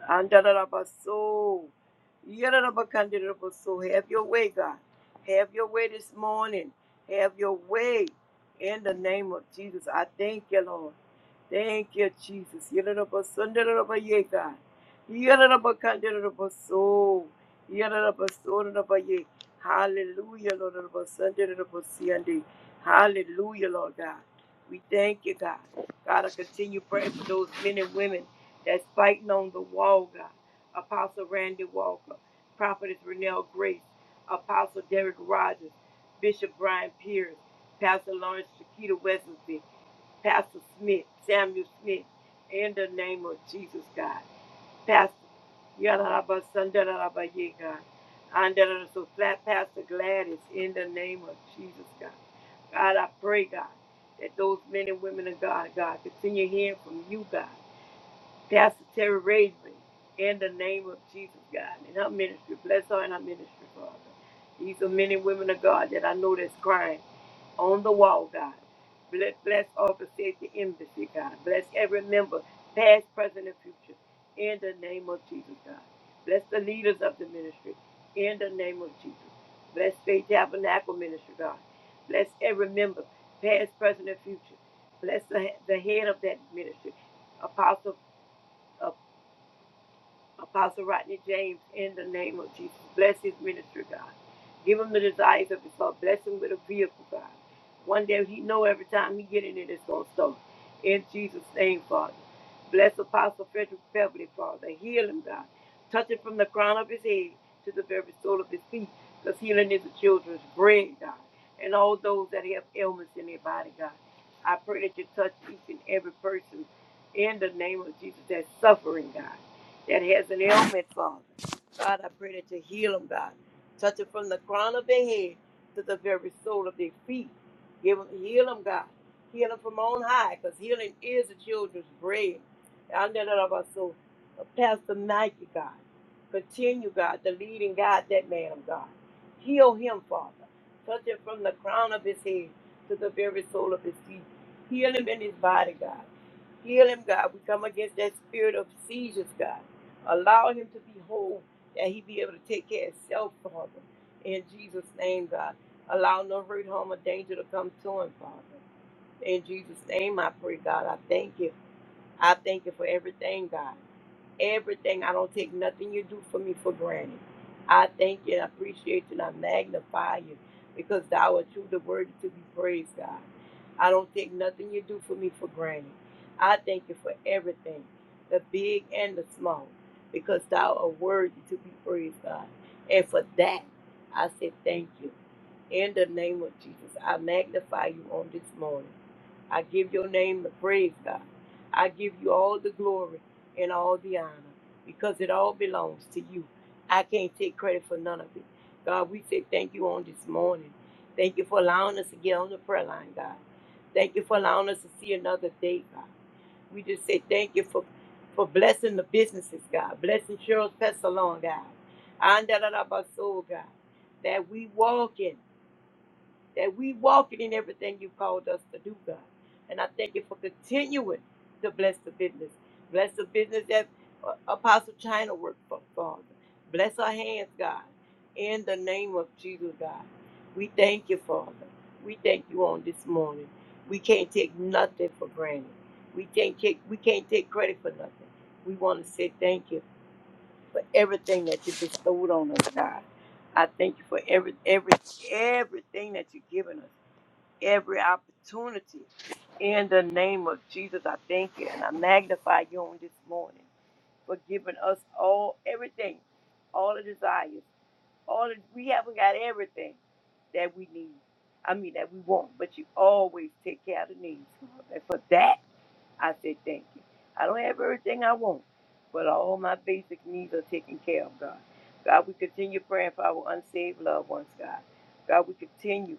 [SPEAKER 4] Have your way, God. Have your way this morning. Have your way. In the name of Jesus, I thank you, Lord. Thank you, Jesus. Yadadabasundaye, God. Yadadabakandabaso. Yadadabasondaye. Hallelujah, Lord. Yadadabasundaye. Hallelujah, Lord God. We thank you, God. God, I continue praying for those men and women that's fighting on the wall, God. Apostle Randy Walker, Prophetess Renelle Grace, Apostle Derek Rogers, Bishop Brian Pierce. Pastor Lawrence Shakita Wesley, Pastor Smith, Samuel Smith, in the name of Jesus, God. Pastor Yadaraba Sandaraba Ye, God. Andara so flat Pastor Gladys, in the name of Jesus, God. God, I pray, God, that those men and women of God, God, continue hearing from you, God. Pastor Terry raised me in the name of Jesus, God, in her ministry. Bless her in her ministry, Father. These are men and women of God that I know that's crying on the wall, God. Bless, bless Office Safety Embassy, God. Bless every member, past, present, and future, in the name of Jesus, God. Bless the leaders of the ministry, in the name of Jesus. Bless Faith Tabernacle Ministry, God. Bless every member, past, present, and future. Bless the, the head of that ministry, Apostle. Ap- Apostle Rodney James in the name of Jesus. Bless his ministry, God. Give him the desires of his heart. Bless him with a vehicle, God. One day he know every time he get in it, it's going to start. In Jesus' name, Father. Bless Apostle Frederick Beverly, Father. Heal him, God. Touch him from the crown of his head to the very sole of his feet. Because healing is the children's bread, God. And all those that have ailments in their body, God. I pray that you touch each and every person in the name of Jesus that's suffering, God that has an ailment, Father. God, I pray that you heal them, God. Touch it from the crown of their head to the very sole of their feet. Give them, heal them, God. Heal them from on high, because healing is the children's bread. I know that about so. uh, Pastor Nike, God. Continue, God, to lead and guide that man of God. Heal him, Father. Touch it from the crown of his head to the very sole of his feet. Heal him in his body, God. Heal him, God. We come against that spirit of seizures, God. Allow him to be whole, that he be able to take care of himself, Father. In Jesus' name, God. Allow no hurt, harm, or danger to come to him, Father. In Jesus' name, I pray, God. I thank you. I thank you for everything, God. Everything. I don't take nothing you do for me for granted. I thank you and I appreciate you and I magnify you because thou art truly worthy to be praised, God. I don't take nothing you do for me for granted. I thank you for everything, the big and the small, because thou art worthy to be praised, God. And for that, I say thank you. In the name of Jesus, I magnify you on this morning. I give your name the praise, God. I give you all the glory and all the honor because it all belongs to you. I can't take credit for none of it. God, we say thank you on this morning. Thank you for allowing us to get on the prayer line, God. Thank you for allowing us to see another day, God. We just say thank you for, for blessing the businesses, God. Blessing Cheryl's Pet Salon, God. And da da da, ba, so, God. That we walk in that we walking in everything you called us to do, God. And I thank you for continuing to bless the business. Bless the business that uh, Apostle China worked for, Father. Bless her hands, God. In the name of Jesus, God. We thank you, Father. We thank you on this morning. We can't take nothing for granted. We can't take, we can't take credit for nothing. We want to say thank you for everything that you bestowed on us, God. I thank you for every every everything that you've given us every opportunity. In the name of Jesus, I thank you and I magnify you on this morning for giving us all everything, all the desires, all the, we haven't got everything that we need. I mean that we want, but you always take care of the needs. And for that, I say thank you. I don't have everything I want, but all my basic needs are taken care of, God. God, we continue praying for our unsaved loved ones, God. God, we continue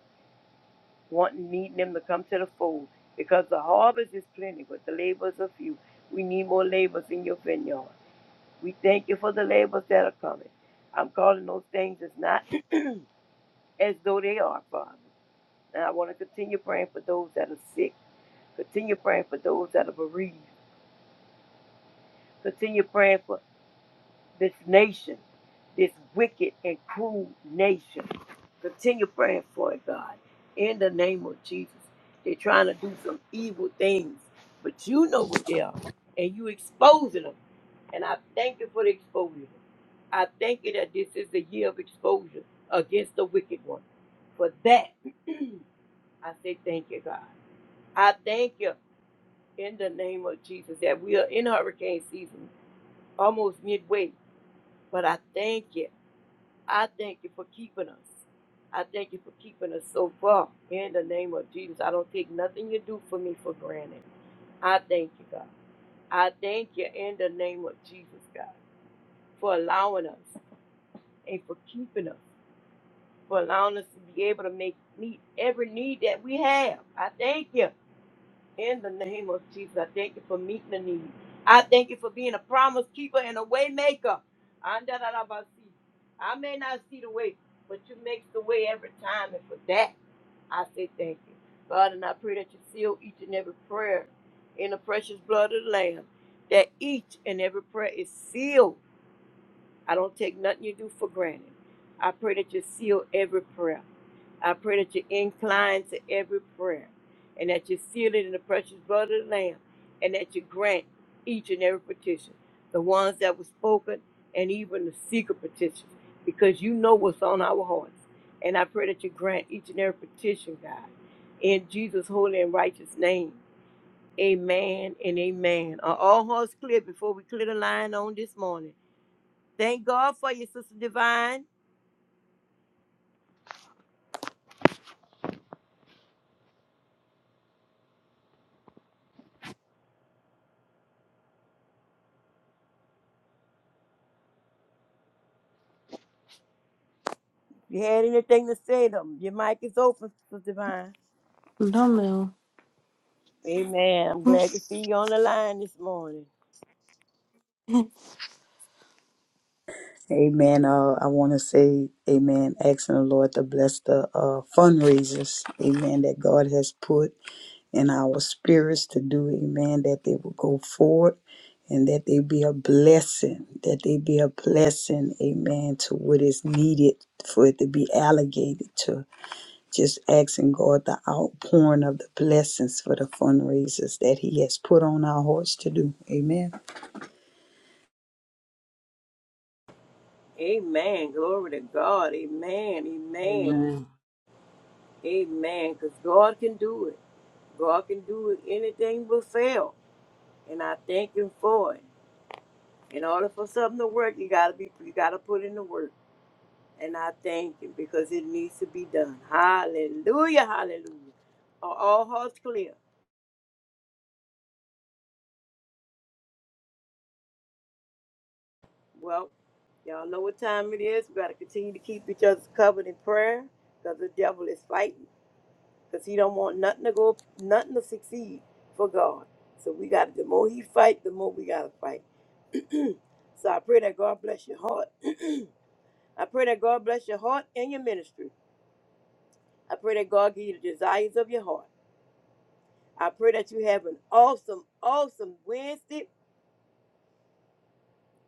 [SPEAKER 4] wanting needing them to come to the fold because the harvest is plenty, but the labors are few. We need more labors in your vineyard. We thank you for the labors that are coming. I'm calling those things as not as though they are, Father. And I want to continue praying for those that are sick. Continue praying for those that are bereaved. Continue praying for this nation, this wicked and cruel nation. Continue praying for it, God, in the name of Jesus. They're trying to do some evil things, but you know what they are, and you exposing them. And I thank you for the exposure. I thank you that this is the year of exposure against the wicked one. For that, I say thank you, God. I thank you in the name of Jesus that we are in hurricane season, almost midway. But I thank you. I thank you for keeping us. I thank you for keeping us so far. In the name of Jesus, I don't take nothing you do for me for granted. I thank you, God. I thank you in the name of Jesus, God, for allowing us and for keeping us, for allowing us to be able to make meet every need that we have. I thank you. In the name of Jesus, I thank you for meeting the need. I thank you for being a promise keeper and a way maker. Andarabasi. I may not see the way, but you make the way every time. And for that, I say thank you. God, and I pray that you seal each and every prayer in the precious blood of the Lamb, that each and every prayer is sealed I don't take nothing you do for granted. I pray that you seal every prayer. I pray that you incline to every prayer and that you seal it in the precious blood of the Lamb and that you grant each and every petition, the ones that were spoken and even the secret petitions, because you know what's on our hearts. And I pray that you grant each and every petition, God, in Jesus' holy and righteous name. Amen and amen. Are all hearts clear before we clear the line on this morning? Thank God for you, Sister Divine. You had anything to say to them? Your mic is open, Sister Divine.
[SPEAKER 5] Dumbbell.
[SPEAKER 4] Amen. I'm glad to see you on the line this morning.
[SPEAKER 2] Amen. Uh, I want to say, Amen. Asking the Lord to bless the uh, fundraisers, Amen. That God has put. and our spirits to do, amen, that they will go forward and that they be a blessing, that they be a blessing, amen, to what is needed for it to be allocated to. Just asking God the outpouring of the blessings for the fundraisers that He has put on our hearts to do. Amen.
[SPEAKER 4] Amen. Glory to God. Amen. Amen.
[SPEAKER 3] Amen.
[SPEAKER 4] Amen. Because God can do it. God can do it. Anything but fail. And I thank Him for it. In order for something to work, you gotta be you gotta put in the work. And I thank Him because it needs to be done. Hallelujah. Hallelujah. Are all hearts clear? Well, y'all know what time it is. We got to continue to keep each other covered in prayer because the devil is fighting because he don't want nothing to go, nothing to succeed for God. So we got to, the more he fight, the more we got to fight. So I pray that God bless your heart. I pray that God bless your heart and your ministry. I pray that God give you the desires of your heart. I pray that you have an awesome, awesome Wednesday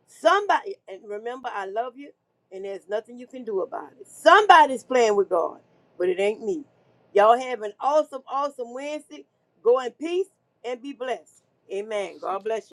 [SPEAKER 4] Somebody, and remember, I love you, and there's nothing you can do about it. Somebody's playing with God, but it ain't me. Y'all have an awesome, awesome Wednesday. Go in peace and be blessed. Amen. God bless you.